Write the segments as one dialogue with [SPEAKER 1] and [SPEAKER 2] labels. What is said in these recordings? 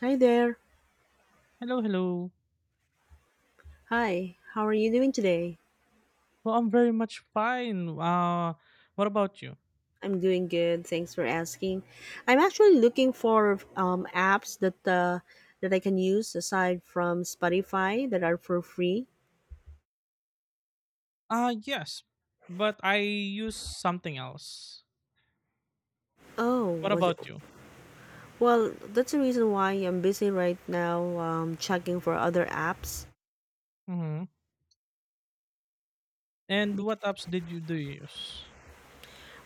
[SPEAKER 1] Hi there.
[SPEAKER 2] Hello, hello.
[SPEAKER 1] Hi. How are you doing today?
[SPEAKER 2] Well, I'm very much fine. What about you?
[SPEAKER 1] I'm doing good. Thanks for asking. I'm actually looking for apps that that I can use aside from Spotify that are for free.
[SPEAKER 2] Yes, but I use something else.
[SPEAKER 1] Oh,
[SPEAKER 2] What
[SPEAKER 1] was it?
[SPEAKER 2] about you?
[SPEAKER 1] Well, that's the reason why I'm busy right now checking for other apps.
[SPEAKER 2] Mm-hmm. And
[SPEAKER 1] Bec-
[SPEAKER 2] what apps did you do you use?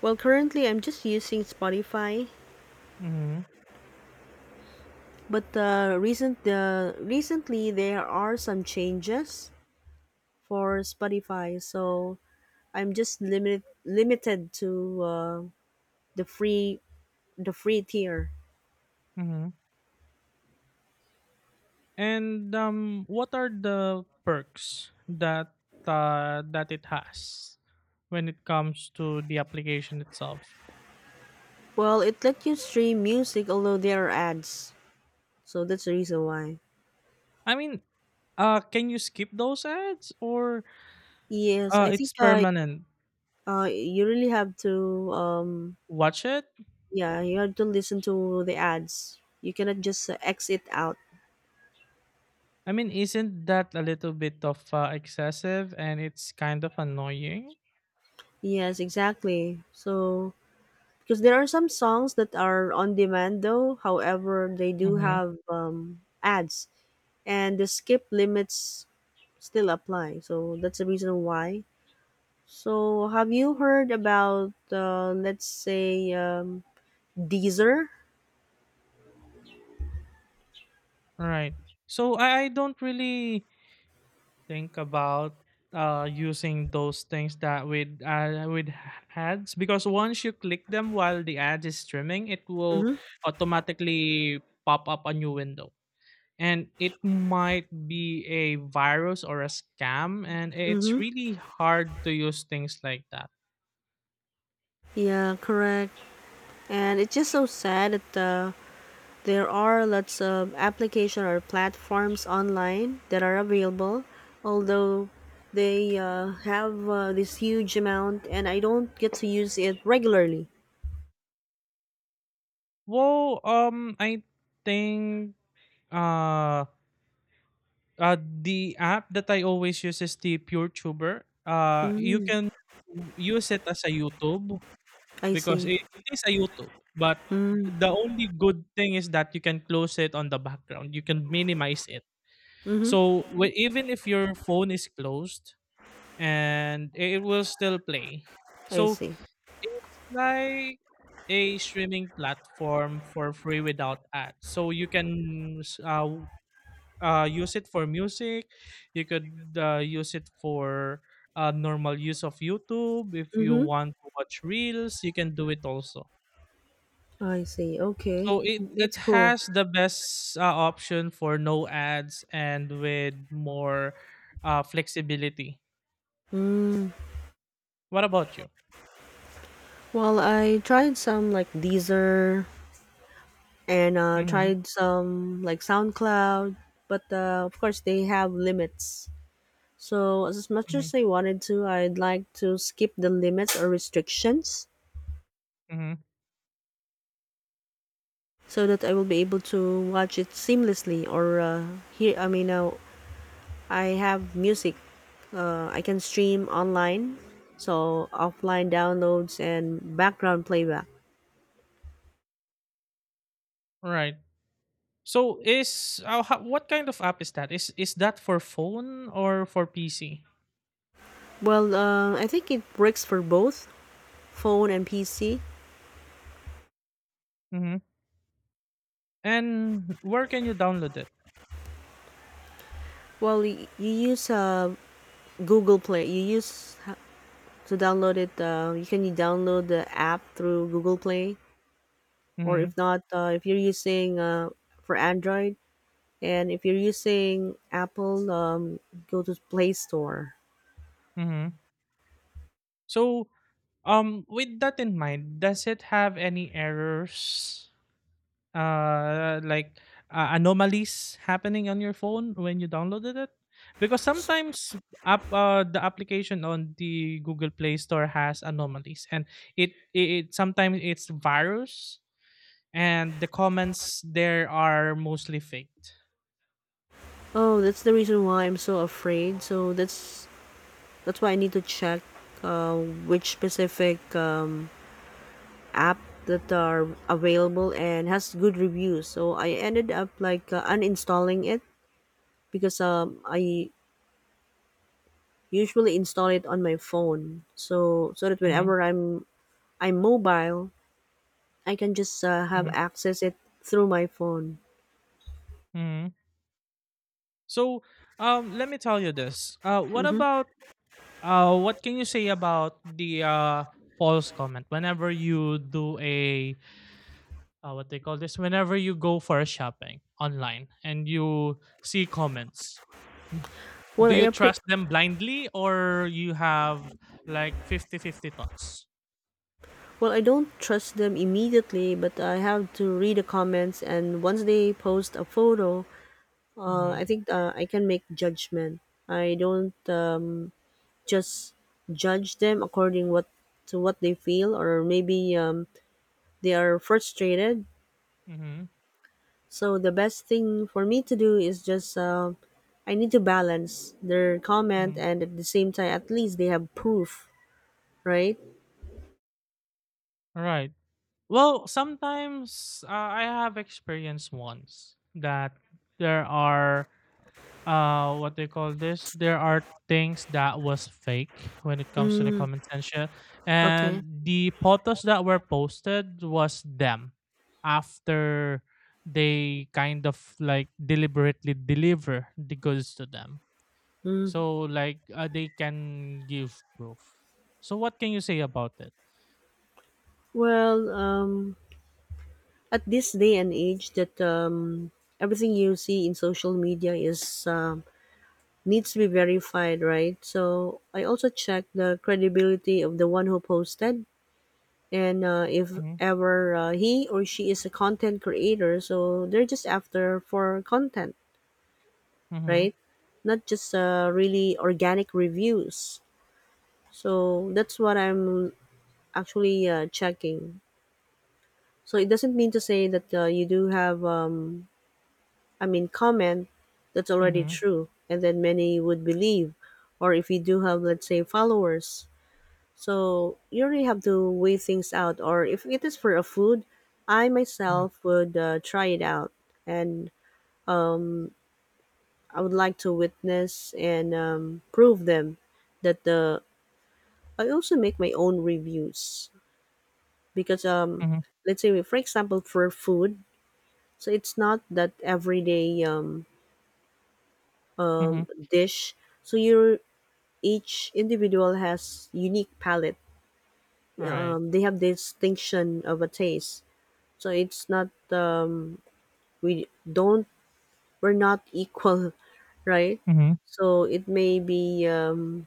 [SPEAKER 1] Well, currently I'm just using Spotify,
[SPEAKER 2] Mm-hmm.
[SPEAKER 1] but recently there are some changes for Spotify, so I'm just limited to uh, the free tier.
[SPEAKER 2] Mm-hmm. And what are the perks that that it has when it comes to the application itself?
[SPEAKER 1] Well, it let you stream music although there are ads, so that's the reason why.
[SPEAKER 2] I mean, can you skip those ads or
[SPEAKER 1] Yes, I think
[SPEAKER 2] it's permanent?
[SPEAKER 1] you really have to
[SPEAKER 2] Watch it.
[SPEAKER 1] yeah you have to listen to the ads. You cannot just exit out.
[SPEAKER 2] I mean, isn't that a little bit of excessive and it's kind of annoying?
[SPEAKER 1] Yes, exactly. So because there are some songs that are on demand though, however, they do
[SPEAKER 2] Mm-hmm.
[SPEAKER 1] have ads and the skip limits still apply. So that's the reason why. So have you heard about let's say Deezer?
[SPEAKER 2] Right. So I don't really think about using those things that with ads, because once you click them while the ad is streaming, it will
[SPEAKER 1] Mm-hmm.
[SPEAKER 2] automatically pop up a new window, and it might be a virus or a scam, and it's
[SPEAKER 1] Mm-hmm.
[SPEAKER 2] really hard to use things like that.
[SPEAKER 1] Yeah, correct. And it's just so sad that there are lots of application or platforms online that are available, although they have this huge amount, and I don't get to use it regularly.
[SPEAKER 2] I think uh the app that I always use is the PureTuber. You
[SPEAKER 1] Mm,
[SPEAKER 2] can use it as a YouTube,
[SPEAKER 1] I
[SPEAKER 2] because
[SPEAKER 1] see.
[SPEAKER 2] it is a YouTube, but
[SPEAKER 1] Mm,
[SPEAKER 2] the only good thing is that you can close it on the background. You can minimize it.
[SPEAKER 1] mm-hmm.
[SPEAKER 2] So even if your phone is closed, and it will still play.
[SPEAKER 1] I
[SPEAKER 2] So
[SPEAKER 1] see.
[SPEAKER 2] it's like a streaming platform for free without ads. So you can use it for music. You could use it for normal use of YouTube. If you
[SPEAKER 1] Mm-hmm.
[SPEAKER 2] want to watch reels, you can do it also.
[SPEAKER 1] I see. Okay,
[SPEAKER 2] So it
[SPEAKER 1] that's cool.
[SPEAKER 2] has the best option for no ads and with more flexibility.
[SPEAKER 1] Mm.
[SPEAKER 2] What about you?
[SPEAKER 1] Well, I tried some like Deezer and
[SPEAKER 2] Mm-hmm,
[SPEAKER 1] tried some like SoundCloud, but of course they have limits. So as much
[SPEAKER 2] mm-hmm,
[SPEAKER 1] as I wanted to, I'd like to skip the limits or restrictions
[SPEAKER 2] mm-hmm.
[SPEAKER 1] so that I will be able to watch it seamlessly or hear. I mean, I have music I can stream online, so offline downloads and background playback.
[SPEAKER 2] Right. So is ho- what kind of app is that? Is that for phone or for PC?
[SPEAKER 1] Well, I think it works for both phone and PC.
[SPEAKER 2] Mm-hmm. And where can you download it?
[SPEAKER 1] Well, you use Google Play. You use to download it. You can download the app through Google Play, or
[SPEAKER 2] Mm-hmm.
[SPEAKER 1] if not, if you're using for Android, and if you're using Apple, go to Play Store.
[SPEAKER 2] Mm-hmm. So, with that in mind, does it have any errors, uh, like anomalies happening on your phone when you downloaded it? Because sometimes the application on the Google Play Store has anomalies, and it, it, it sometimes it's virus, and the comments there are mostly faked.
[SPEAKER 1] Oh, that's the reason why I'm so afraid. So that's why I need to check uh, which specific app that are available and has good reviews. So I ended up like uninstalling it because I usually install it on my phone. So that
[SPEAKER 2] Mm-hmm,
[SPEAKER 1] whenever I'm mobile, I can just have
[SPEAKER 2] mm-hmm,
[SPEAKER 1] access it through my phone.
[SPEAKER 2] mm-hmm. So, let me tell you this. What
[SPEAKER 1] Hmm.
[SPEAKER 2] about what can you say about the false comment whenever you do a what they call this? Whenever you go for a shopping online and you see comments,
[SPEAKER 1] Well,
[SPEAKER 2] do you trust them blindly or you have like 50-50 thoughts?
[SPEAKER 1] well I don't trust them immediately, but I have to read the comments and once they post a photo,
[SPEAKER 2] Mm-hmm.
[SPEAKER 1] I think I can make judgment. I don't just judge them according what to what they feel or maybe they are frustrated
[SPEAKER 2] Mm-hmm.
[SPEAKER 1] so the best thing for me to do is just I need to balance their comment
[SPEAKER 2] Mm-hmm.
[SPEAKER 1] and at the same time at least they have proof. Right.
[SPEAKER 2] Right. Well, sometimes I have experienced once that there are what they call this, there are things that was fake when it comes to the
[SPEAKER 1] Mm,
[SPEAKER 2] comment section,
[SPEAKER 1] okay.
[SPEAKER 2] and the photos that were posted was them after they kind of like deliberately deliver the goods to them.
[SPEAKER 1] Mm.
[SPEAKER 2] So like they can give proof. So what can you say about it?
[SPEAKER 1] Well, at this day and age that everything you see in social media is needs to be verified, right? So I also check the credibility of the one who posted, and if
[SPEAKER 2] Mm-hmm,
[SPEAKER 1] ever he or she is a content creator, so they're just after for content,
[SPEAKER 2] mm-hmm,
[SPEAKER 1] right? Not just really organic reviews, so that's what I'm actually checking. So it doesn't mean to say that you do have I mean comment that's already
[SPEAKER 2] mm-hmm,
[SPEAKER 1] true and then many would believe, or if you do have let's say followers. So you really have to weigh things out. Or if it is for a food, I
[SPEAKER 2] mm-hmm,
[SPEAKER 1] myself would try it out, and I would like to witness and prove them that the. I also make my own reviews because
[SPEAKER 2] mm-hmm.
[SPEAKER 1] let's say for example for food, so it's not that everyday
[SPEAKER 2] Mm-hmm.
[SPEAKER 1] dish. So you Each individual has unique palate.
[SPEAKER 2] All right.
[SPEAKER 1] They have distinction of a taste. So it's not we don't we're not equal, right?
[SPEAKER 2] Mm-hmm.
[SPEAKER 1] So it may be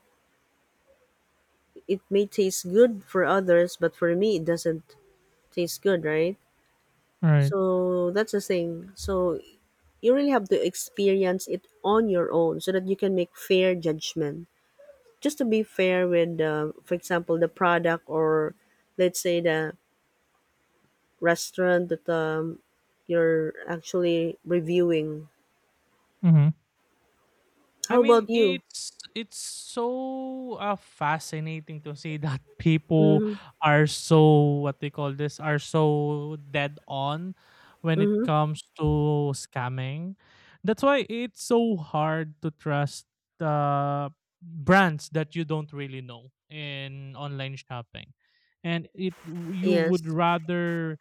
[SPEAKER 1] it may taste good for others, but for me it doesn't taste good, right?
[SPEAKER 2] All right.
[SPEAKER 1] So that's the thing. So you really have to experience it on your own so that you can make fair judgment. Just to be fair with, for example, the product or let's say the restaurant that you're actually reviewing.
[SPEAKER 2] Mm-hmm. I
[SPEAKER 1] How about
[SPEAKER 2] mean,
[SPEAKER 1] you?
[SPEAKER 2] it's so fascinating to see that people
[SPEAKER 1] Mm-hmm.
[SPEAKER 2] are so what they call this, are so dead on when it
[SPEAKER 1] Mm-hmm.
[SPEAKER 2] comes to scamming. That's why it's so hard to trust uh, brands that you don't really know in online shopping, and it
[SPEAKER 1] Yes.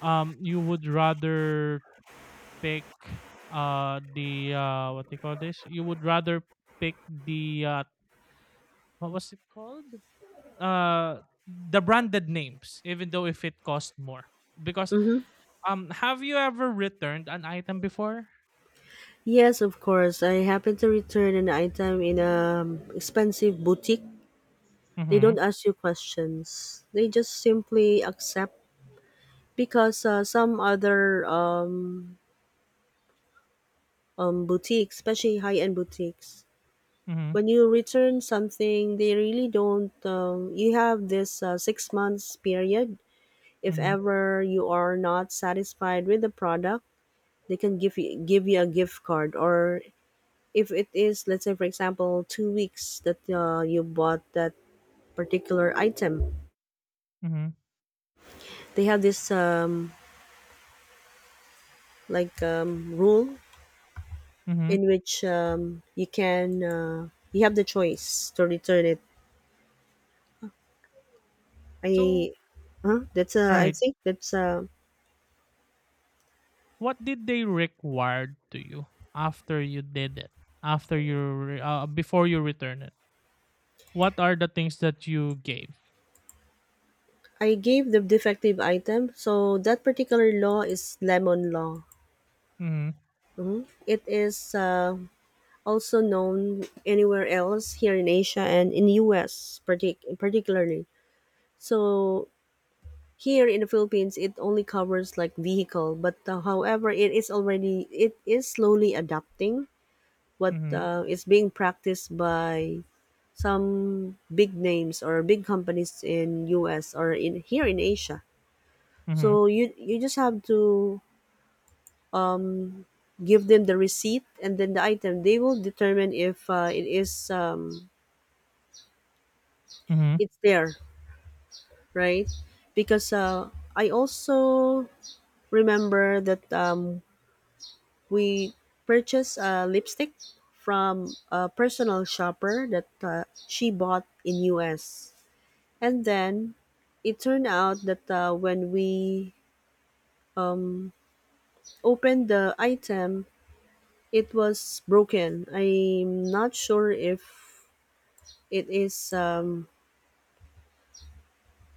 [SPEAKER 2] you would rather pick the what do you call this? You would rather pick the what was it called? Uh the branded names, even though if it cost more. Because
[SPEAKER 1] Mm-hmm.
[SPEAKER 2] have you ever returned an item before?
[SPEAKER 1] Yes, of course. I happened to return an item in a expensive boutique. They
[SPEAKER 2] Mm-hmm.
[SPEAKER 1] don't ask you questions. They just simply accept because some other boutiques, especially high-end boutiques,
[SPEAKER 2] Mm-hmm.
[SPEAKER 1] when you return something, they really don't. You have this 6 months period. If
[SPEAKER 2] Mm-hmm.
[SPEAKER 1] ever you are not satisfied with the product, they can give you a gift card, or if it is let's say for example 2 weeks that you bought that particular item,
[SPEAKER 2] Mm-hmm.
[SPEAKER 1] they have this rule
[SPEAKER 2] Mm-hmm.
[SPEAKER 1] in which you can you have the choice to return it.
[SPEAKER 2] So all
[SPEAKER 1] I huh? That's I
[SPEAKER 2] right.
[SPEAKER 1] think that's
[SPEAKER 2] What did they require to you after you did it? After you before you return it? What are the things that you gave?
[SPEAKER 1] I gave the defective item. So that particular law is lemon law.
[SPEAKER 2] Mm-hmm.
[SPEAKER 1] Mhm. It is also known anywhere else here in Asia and in US particularly. So here in the Philippines, it only covers like vehicle, but however, it is slowly adapting what
[SPEAKER 2] Mm-hmm.
[SPEAKER 1] is being practiced by some big names or big companies in US or in here in Asia.
[SPEAKER 2] Mm-hmm.
[SPEAKER 1] So you just have to give them the receipt and then the item. They will determine if it is
[SPEAKER 2] Mm-hmm.
[SPEAKER 1] it's there, right? Because I also remember that we purchased a lipstick from a personal shopper that she bought in US. And then it turned out that when we um, opened the item, it was broken. I'm not sure if it is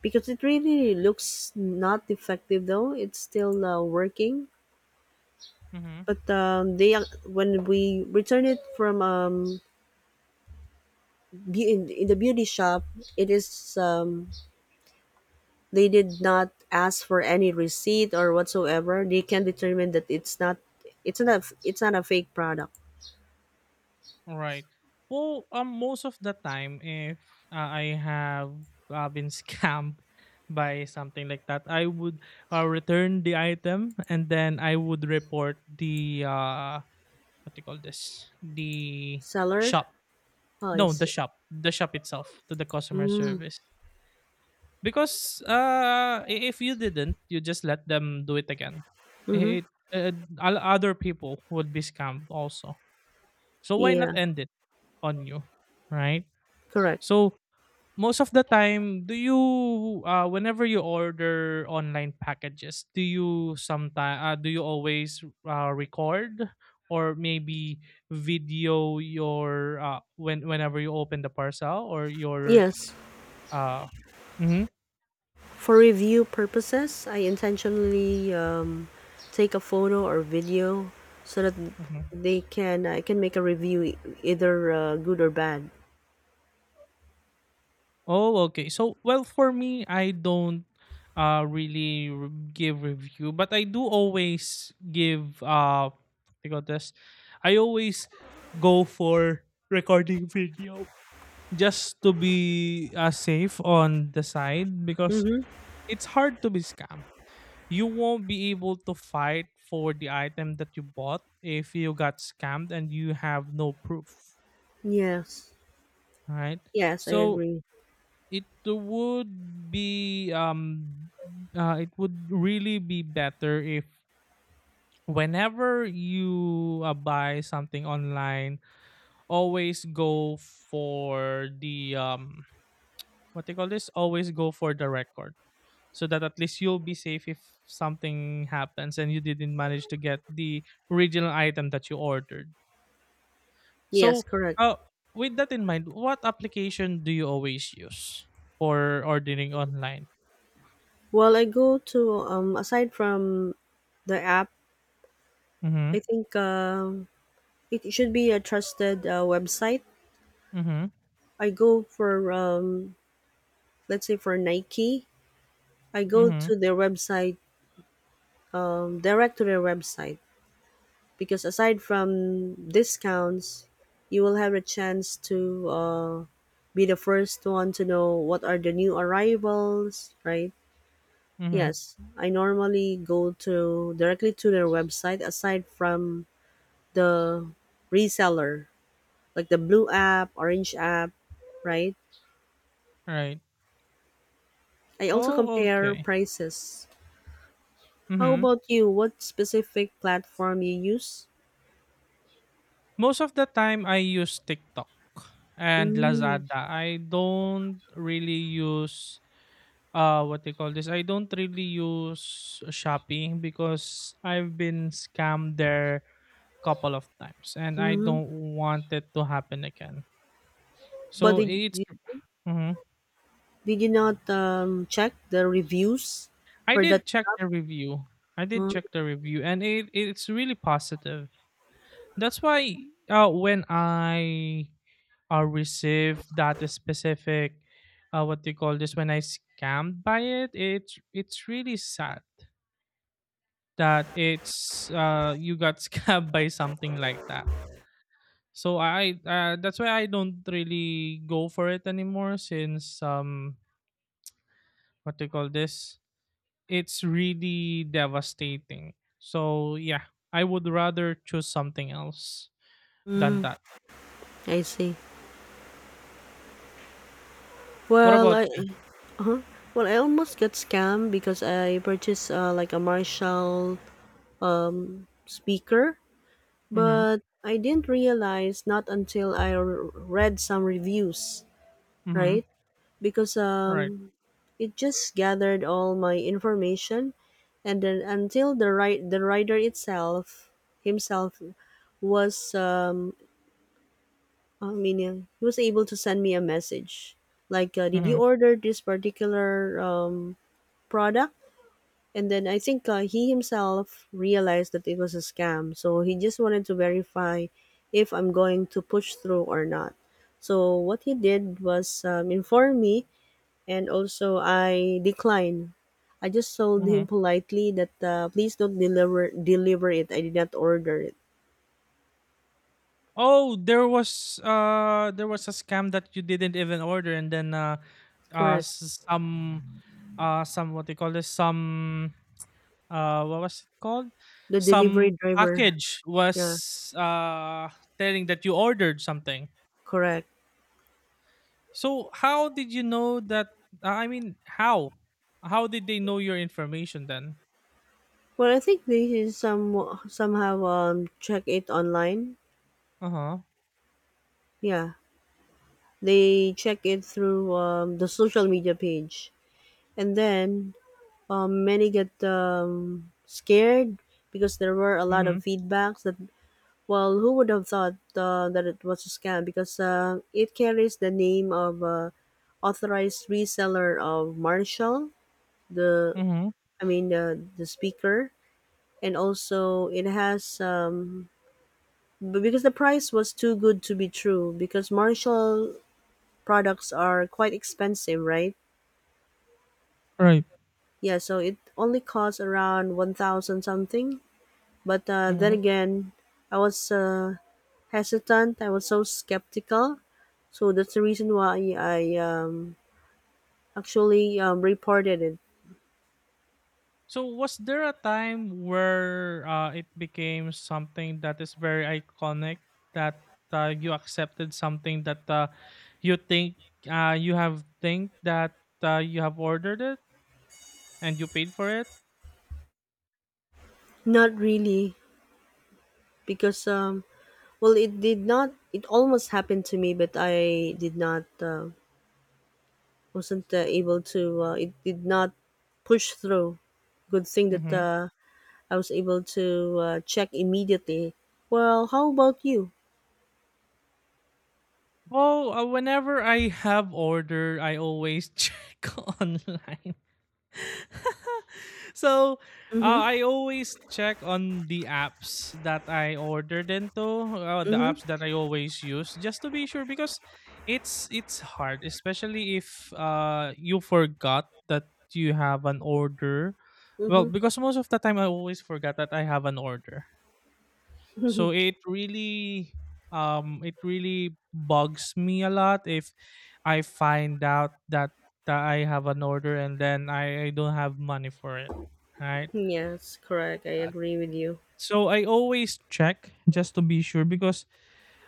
[SPEAKER 1] because it really looks not defective though. It's still working.
[SPEAKER 2] Mm-hmm.
[SPEAKER 1] But they when we returned it from in the beauty shop, it is um, they did not ask for any receipt or whatsoever. They can determine that it's not a fake product.
[SPEAKER 2] Right. Well, most of the time, if I have been scammed by something like that, I would return the item and then I would report the what do you call this? The
[SPEAKER 1] Seller.
[SPEAKER 2] shop.
[SPEAKER 1] Oh, I
[SPEAKER 2] No, the
[SPEAKER 1] see.
[SPEAKER 2] shop. The shop itself to the customer
[SPEAKER 1] Mm,
[SPEAKER 2] service. Because if you didn't, you just let them do it again.
[SPEAKER 1] mm-hmm.
[SPEAKER 2] It uh, Other people would be scammed also. So why
[SPEAKER 1] Yeah,
[SPEAKER 2] not end it on you, right?
[SPEAKER 1] correct.
[SPEAKER 2] So most of the time, do you whenever you order online packages, do you sometime do you always record or maybe video your when whenever you open the parcel or your
[SPEAKER 1] Yes.
[SPEAKER 2] uh mm-hmm,
[SPEAKER 1] For review purposes I intentionally take a photo or video so that
[SPEAKER 2] mm-hmm.
[SPEAKER 1] they can I can make a review, either good or bad.
[SPEAKER 2] Oh, okay. So, well, for me, I don't give review, but I do always give I got this. I always go for recording video just to be safe on the side, because
[SPEAKER 1] Mm-hmm.
[SPEAKER 2] it's hard to be scammed. You won't be able to fight for the item that you bought if you got scammed and you have no proof,
[SPEAKER 1] Yes.
[SPEAKER 2] right?
[SPEAKER 1] Yes, I
[SPEAKER 2] So
[SPEAKER 1] agree.
[SPEAKER 2] it would be it would really be better if whenever you buy something online, always go for the what they call this? Always go for the record. So that at least you'll be safe if something happens and you didn't manage to get the original item that you ordered.
[SPEAKER 1] Yes,
[SPEAKER 2] So
[SPEAKER 1] correct.
[SPEAKER 2] uh with that in mind, what application do you always use for ordering online?
[SPEAKER 1] Well, I go to aside from the app,
[SPEAKER 2] Mm-hmm.
[SPEAKER 1] I think it should be a trusted website.
[SPEAKER 2] Mm-hmm.
[SPEAKER 1] I go for let's say for Nike, I go
[SPEAKER 2] Mhm,
[SPEAKER 1] to their website, direct to their website, because aside from discounts, you will have a chance to be the first one to know what are the new arrivals, right?
[SPEAKER 2] mhm,
[SPEAKER 1] Yes, I normally go to directly to their website aside from the reseller, like the blue app, orange app, right?
[SPEAKER 2] right.
[SPEAKER 1] I also
[SPEAKER 2] Oh,
[SPEAKER 1] compare
[SPEAKER 2] okay.
[SPEAKER 1] prices. How
[SPEAKER 2] Mhm.
[SPEAKER 1] about you? What specific platform you use?
[SPEAKER 2] Most of the time I use TikTok and
[SPEAKER 1] Mm,
[SPEAKER 2] Lazada. I don't really use what they call this. I don't really use Shopee because I've been scammed there couple of times and I
[SPEAKER 1] hmm.
[SPEAKER 2] don't want it to happen again.
[SPEAKER 1] But
[SPEAKER 2] So it's mhm.
[SPEAKER 1] did you not check the reviews
[SPEAKER 2] I
[SPEAKER 1] for that?
[SPEAKER 2] did check the review. I did
[SPEAKER 1] Mm.
[SPEAKER 2] check the review and it it's really positive. That's why when I received that specific what do you call this, when I scammed by it, it's really sad that it's you got scammed by something like that. So I that's why I don't really go for it anymore, since what do you call this? It's really devastating. So yeah, I would rather choose something else than
[SPEAKER 1] Hmm.
[SPEAKER 2] that.
[SPEAKER 1] I see.
[SPEAKER 2] What
[SPEAKER 1] Well, I
[SPEAKER 2] about you?
[SPEAKER 1] well I almost got scammed because I purchased like a Marshall speaker.
[SPEAKER 2] Mm-hmm.
[SPEAKER 1] But I didn't realize not until I read some reviews,
[SPEAKER 2] Mm-hmm.
[SPEAKER 1] right? Because
[SPEAKER 2] Right.
[SPEAKER 1] it just gathered all my information, and then until the writer itself himself was I mean he was able to send me a message like did you
[SPEAKER 2] Mhm,
[SPEAKER 1] order this particular product. And then I think he himself realized that it was a scam. So he just wanted to verify if I'm going to push through or not. So what he did was inform me, and also I declined. I just told him
[SPEAKER 2] mhm.
[SPEAKER 1] politely that please don't deliver it. I did not order it.
[SPEAKER 2] Oh, there was a scam that you didn't even order, and then uh
[SPEAKER 1] Correct.
[SPEAKER 2] s- some some what they call this, some what was it called?
[SPEAKER 1] The delivery
[SPEAKER 2] Some
[SPEAKER 1] driver.
[SPEAKER 2] package
[SPEAKER 1] Yeah,
[SPEAKER 2] was telling that you ordered something.
[SPEAKER 1] correct.
[SPEAKER 2] So how did you know that I mean how? How did they know your information then?
[SPEAKER 1] Well, I think they should some somehow check it online.
[SPEAKER 2] Uh-huh.
[SPEAKER 1] Yeah. They check it through the social media page, and then many get scared because there were a lot
[SPEAKER 2] Mhm.
[SPEAKER 1] of feedbacks that well, who would have thought that it was a scam because it carries the name of authorized reseller of Marshall, the
[SPEAKER 2] Mhm.
[SPEAKER 1] I mean the speaker, and also it has because the price was too good to be true because Marshall products are quite expensive, right?
[SPEAKER 2] Right.
[SPEAKER 1] Yeah, so it only costs around 1000 something. But then
[SPEAKER 2] Mhm.
[SPEAKER 1] again, I was hesitant. I was so skeptical. So that's the reason why I actually reported it.
[SPEAKER 2] So was there a time where it became something that is very iconic, that you accepted something that you think you have think that you have ordered it and you paid for it?
[SPEAKER 1] Not really, because, well, it did not, it almost happened to me, but I did not, wasn't able to, it did not push through. Good thing that
[SPEAKER 2] Mm-hmm.
[SPEAKER 1] I was able to check immediately. Well, how about you?
[SPEAKER 2] Well, whenever I have order, I always check online so
[SPEAKER 1] Mm-hmm.
[SPEAKER 2] I always check on the apps that I ordered into, the
[SPEAKER 1] Mm-hmm.
[SPEAKER 2] apps that I always use, just to be sure because it's hard, especially if you forgot that you have an order. Well,
[SPEAKER 1] Mm-hmm.
[SPEAKER 2] because most of the time I always forgot that I have an order. So it really bugs me a lot if I find out that that I have an order and then I don't have money for it, right?
[SPEAKER 1] Yes, correct. I
[SPEAKER 2] Uh,
[SPEAKER 1] agree with you.
[SPEAKER 2] So I always check just to be sure, because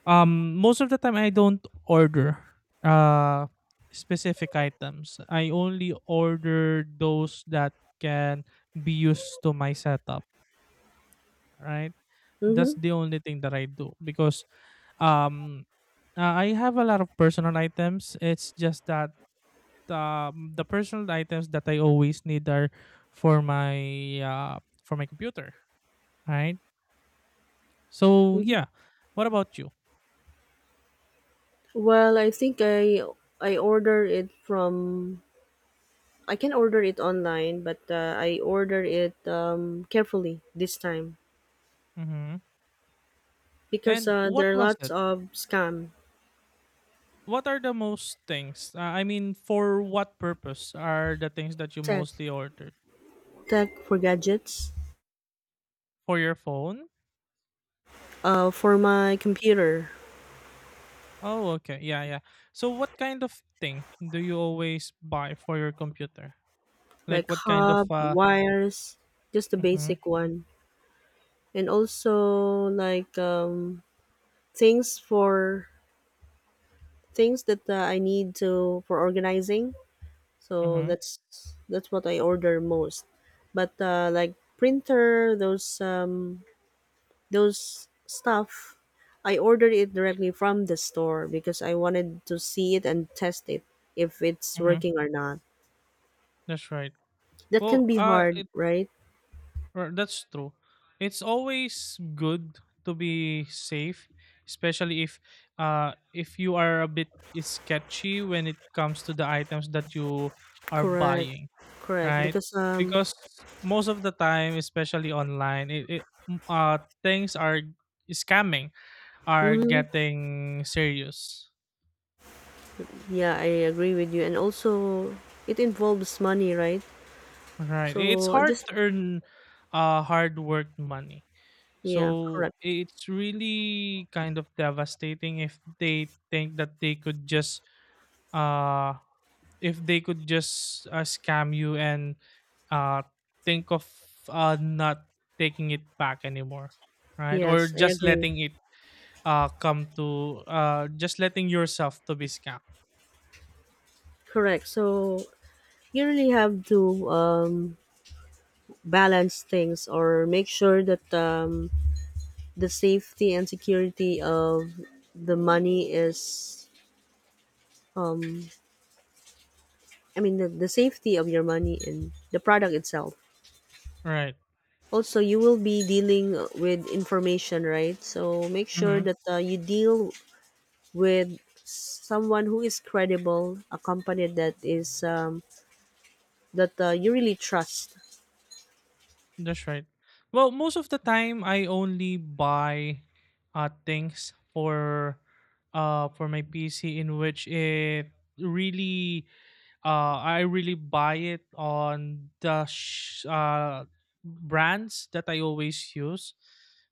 [SPEAKER 2] most of the time I don't order uh specific items. I only order those that can be used to my setup, right? That's
[SPEAKER 1] Mm-hmm.
[SPEAKER 2] the only thing that I do, because um I have a lot of personal items. It's just that the personal items that I always need are for my computer, right? So
[SPEAKER 1] Mm-hmm.
[SPEAKER 2] yeah. What about you?
[SPEAKER 1] Well, I think I order it from I can order it online, but I order it carefully this time
[SPEAKER 2] Mm-hmm.
[SPEAKER 1] because
[SPEAKER 2] And what
[SPEAKER 1] there are
[SPEAKER 2] was
[SPEAKER 1] lots
[SPEAKER 2] it?
[SPEAKER 1] of scam
[SPEAKER 2] What are the most things? I mean, for what purpose are the things that you
[SPEAKER 1] tech
[SPEAKER 2] mostly ordered?
[SPEAKER 1] tech for gadgets,
[SPEAKER 2] For your phone?
[SPEAKER 1] for my computer,
[SPEAKER 2] Oh, okay. Yeah, yeah. So, what kind of thing do you always buy for your computer?
[SPEAKER 1] like
[SPEAKER 2] Like, what kind
[SPEAKER 1] hub
[SPEAKER 2] of.
[SPEAKER 1] wires, just the
[SPEAKER 2] Mm-hmm,
[SPEAKER 1] basic one, and also like things for things that I need to for organizing. So
[SPEAKER 2] mm-hmm,
[SPEAKER 1] that's what I order most. But like printer, those those stuff, I ordered it directly from the store because I wanted to see it and test it if it's
[SPEAKER 2] mm-hmm.
[SPEAKER 1] working or not.
[SPEAKER 2] That's right.
[SPEAKER 1] That
[SPEAKER 2] Well,
[SPEAKER 1] can be hard, right?
[SPEAKER 2] that's true. It's always good to be safe, especially if you are a bit sketchy when it comes to the items that you are
[SPEAKER 1] Correct,
[SPEAKER 2] buying,
[SPEAKER 1] correct.
[SPEAKER 2] right?
[SPEAKER 1] Because
[SPEAKER 2] Because most of the time, especially online, things are scamming are
[SPEAKER 1] mhm,
[SPEAKER 2] getting serious,
[SPEAKER 1] yeah, I agree with you. And also, it involves money, right?
[SPEAKER 2] right? It's
[SPEAKER 1] So I
[SPEAKER 2] hard
[SPEAKER 1] just
[SPEAKER 2] to earn hard work money.
[SPEAKER 1] yeah,
[SPEAKER 2] So
[SPEAKER 1] correct.
[SPEAKER 2] it's really kind of devastating if they think that they could just uh if they could just scam you and uh think of not taking it back anymore, right? Or
[SPEAKER 1] Yes, I
[SPEAKER 2] just
[SPEAKER 1] agree.
[SPEAKER 2] letting it come to just letting yourself to be scammed,
[SPEAKER 1] Correct. So you really have to balance things or make sure that the safety and security of the money is, um, I mean, the safety of your money and the product itself.
[SPEAKER 2] right.
[SPEAKER 1] Also, you will be dealing with information, right? So make sure
[SPEAKER 2] Mm-hmm.
[SPEAKER 1] that you deal with someone who is credible, a company that is that you really trust.
[SPEAKER 2] That's right. Well, most of the time I only buy things for my pc, in which it really I really buy it on the brands that I always use,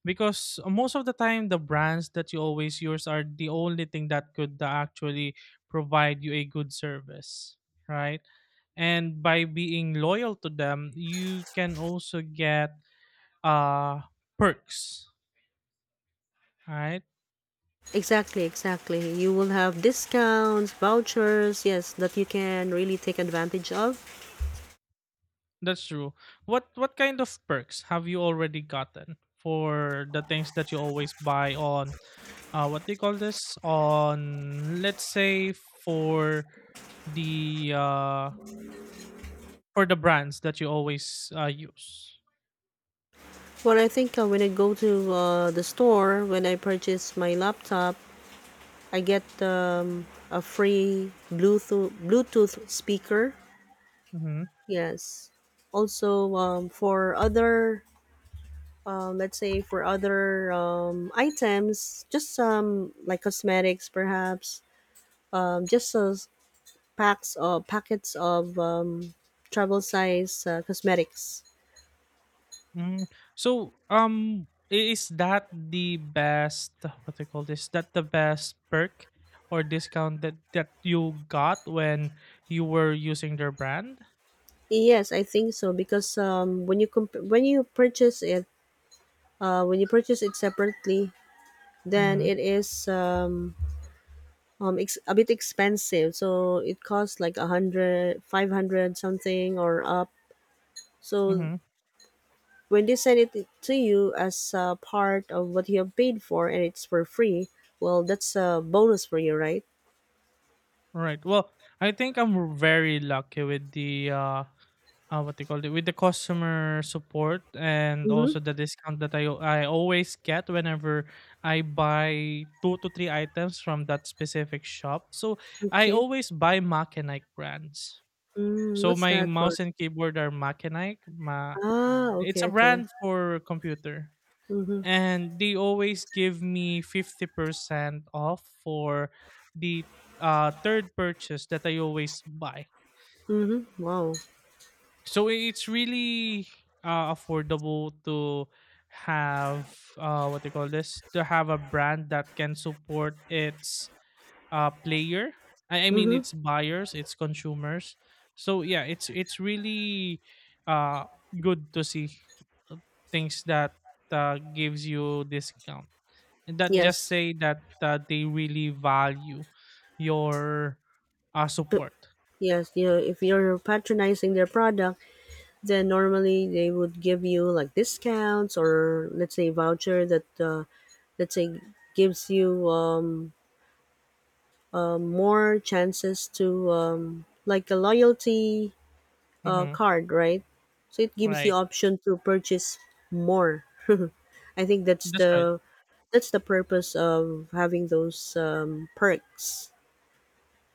[SPEAKER 2] because most of the time the brands that you always use are the only thing that could actually provide you a good service, right? And by being loyal to them, you can also get uh, perks, right?
[SPEAKER 1] Exactly, exactly. You will have discounts, vouchers, yes, that you can really take advantage of.
[SPEAKER 2] That's true. What kind of perks have you already gotten for the things that you always buy on what do you call this? On let's say the uh for the brands that you always use.
[SPEAKER 1] Well, I think when I go to the store, when I purchase my laptop, I get a free Bluetooth speaker.
[SPEAKER 2] Mm-hmm.
[SPEAKER 1] Yes. Also, for other, let's say for other items, just some like cosmetics, perhaps, just a packs of packets of travel size cosmetics.
[SPEAKER 2] Mm, so, is that the best? What do you call this? That the best perk or discount that that you got when you were using their brand?
[SPEAKER 1] Yes, I think so because when you comp- when you purchase it, when you purchase it separately, then
[SPEAKER 2] Mm-hmm.
[SPEAKER 1] it is ex- a bit expensive. So it costs like a hundred, 500 something or up. So
[SPEAKER 2] Mm-hmm.
[SPEAKER 1] when they send it to you as part of what you have paid for and it's for free, well, that's a bonus for you, right?
[SPEAKER 2] Right. Well, I think I'm very lucky with the what they call it, with the customer support and also
[SPEAKER 1] Mm-hmm.
[SPEAKER 2] the discount that I always get whenever I buy two to three items from that specific shop. So I
[SPEAKER 1] Okay.
[SPEAKER 2] always buy Mac and Ike brands.
[SPEAKER 1] Mm,
[SPEAKER 2] So
[SPEAKER 1] what's
[SPEAKER 2] my
[SPEAKER 1] that for?
[SPEAKER 2] mouse and keyboard are Mac and Ike.
[SPEAKER 1] Ah,
[SPEAKER 2] It's
[SPEAKER 1] okay,
[SPEAKER 2] a
[SPEAKER 1] okay.
[SPEAKER 2] brand for computer.
[SPEAKER 1] Mhm,
[SPEAKER 2] And they always give me 50% off for the third purchase that I always buy.
[SPEAKER 1] mhm. Wow.
[SPEAKER 2] So it's really affordable to have what they call this, to have a brand that can support its player I mean
[SPEAKER 1] Mhm.
[SPEAKER 2] its buyers its consumers. So yeah, it's really uh, good to see uh, things that gives you discount, and that just
[SPEAKER 1] Yes.
[SPEAKER 2] say that they really value your
[SPEAKER 1] P-
[SPEAKER 2] support.
[SPEAKER 1] Yes, you know, if you're patronizing their product, then normally they would give you like discounts or let's say voucher that let's say gives you more chances to like a loyalty
[SPEAKER 2] Hmm,
[SPEAKER 1] card, right? So it gives the
[SPEAKER 2] right,
[SPEAKER 1] option to purchase more. I think that's
[SPEAKER 2] that's right.
[SPEAKER 1] the purpose of having those perks.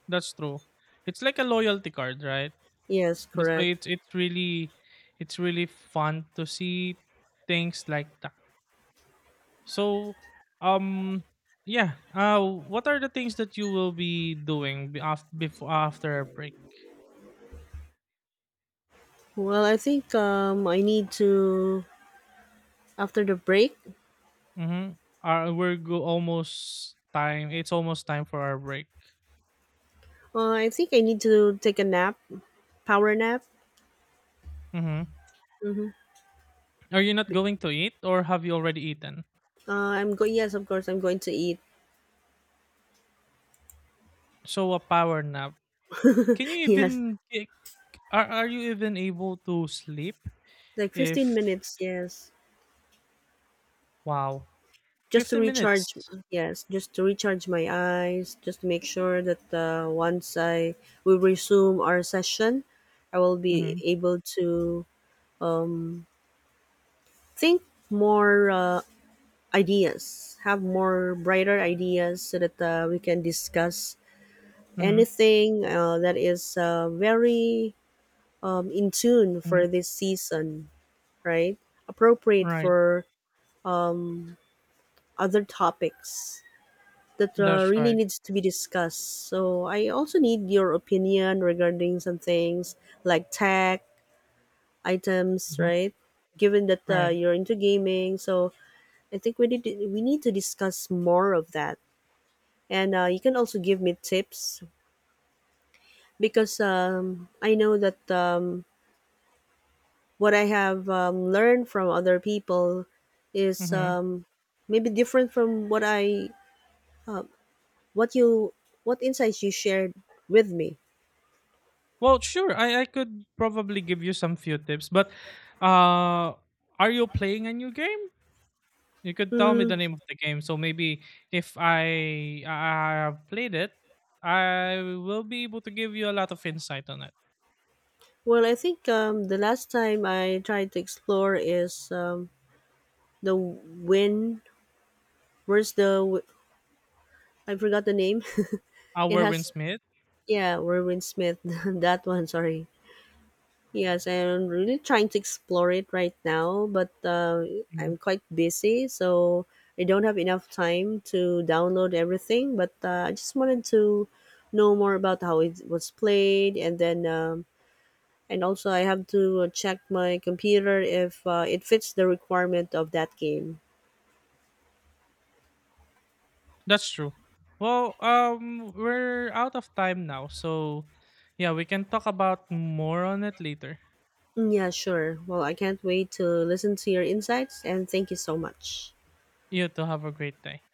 [SPEAKER 2] That's true. It's like a loyalty card, right?
[SPEAKER 1] Yes,
[SPEAKER 2] That's why
[SPEAKER 1] correct.
[SPEAKER 2] it's really fun to see things like that. So, um yeah, what are the things that you will be doing after before after our break?
[SPEAKER 1] Well, I think I need to after the break.
[SPEAKER 2] Mhm. Almost time. It's almost time for our break.
[SPEAKER 1] I think I need to take a nap, power nap.
[SPEAKER 2] Mhm. Are you not going to eat or have you already eaten?
[SPEAKER 1] I'm going. Yes, of course, I'm going to eat.
[SPEAKER 2] So a power nap. Can you
[SPEAKER 1] Yes,
[SPEAKER 2] even are you even able to sleep
[SPEAKER 1] like fifteen
[SPEAKER 2] if
[SPEAKER 1] minutes. Yes.
[SPEAKER 2] wow
[SPEAKER 1] Just to
[SPEAKER 2] 15
[SPEAKER 1] recharge
[SPEAKER 2] minutes.
[SPEAKER 1] yes, just to recharge my eyes, just to make sure that once I we resume our session, I will be
[SPEAKER 2] Mhm,
[SPEAKER 1] able to think more ideas, have more brighter ideas, so that we can discuss
[SPEAKER 2] mhm,
[SPEAKER 1] anything that is very in tune
[SPEAKER 2] mhm.
[SPEAKER 1] for this season, right? Appropriate
[SPEAKER 2] Right.
[SPEAKER 1] for other topics, that
[SPEAKER 2] That's
[SPEAKER 1] really
[SPEAKER 2] right.
[SPEAKER 1] needs to be discussed. So I also need your opinion regarding some things like tech items,
[SPEAKER 2] Mhm,
[SPEAKER 1] right? Given that
[SPEAKER 2] right.
[SPEAKER 1] you're into gaming, so I think we need to discuss more of that. And you can also give me tips because I know that what I have learned from other people is
[SPEAKER 2] Mhm.
[SPEAKER 1] maybe different from what I what you what insights you shared with me.
[SPEAKER 2] Well, sure. I could probably give you some few tips, but uh are you playing a new game? You could tell me
[SPEAKER 1] Hmm.
[SPEAKER 2] the name of the game, so maybe if I have played it, I will be able to give you a lot of insight on it.
[SPEAKER 1] Well, I think the last time I tried to explore is the Win. Where's the w- I forgot the name. It
[SPEAKER 2] Warren
[SPEAKER 1] has
[SPEAKER 2] Smith.
[SPEAKER 1] yeah, Werwin Smith. That one, sorry. Yes, I'm really trying to explore it right now, but
[SPEAKER 2] Yeah.
[SPEAKER 1] I'm quite busy, so I don't have enough time to download everything. But I just wanted to know more about how it was played, and then and also I have to check my computer if it fits the requirement of that game.
[SPEAKER 2] That's true. Well, we're out of time now, so yeah, we can talk about more on it later.
[SPEAKER 1] Mm, yeah, sure. Well, I can't wait to listen to your insights and thank you so much.
[SPEAKER 2] You too, have a great day.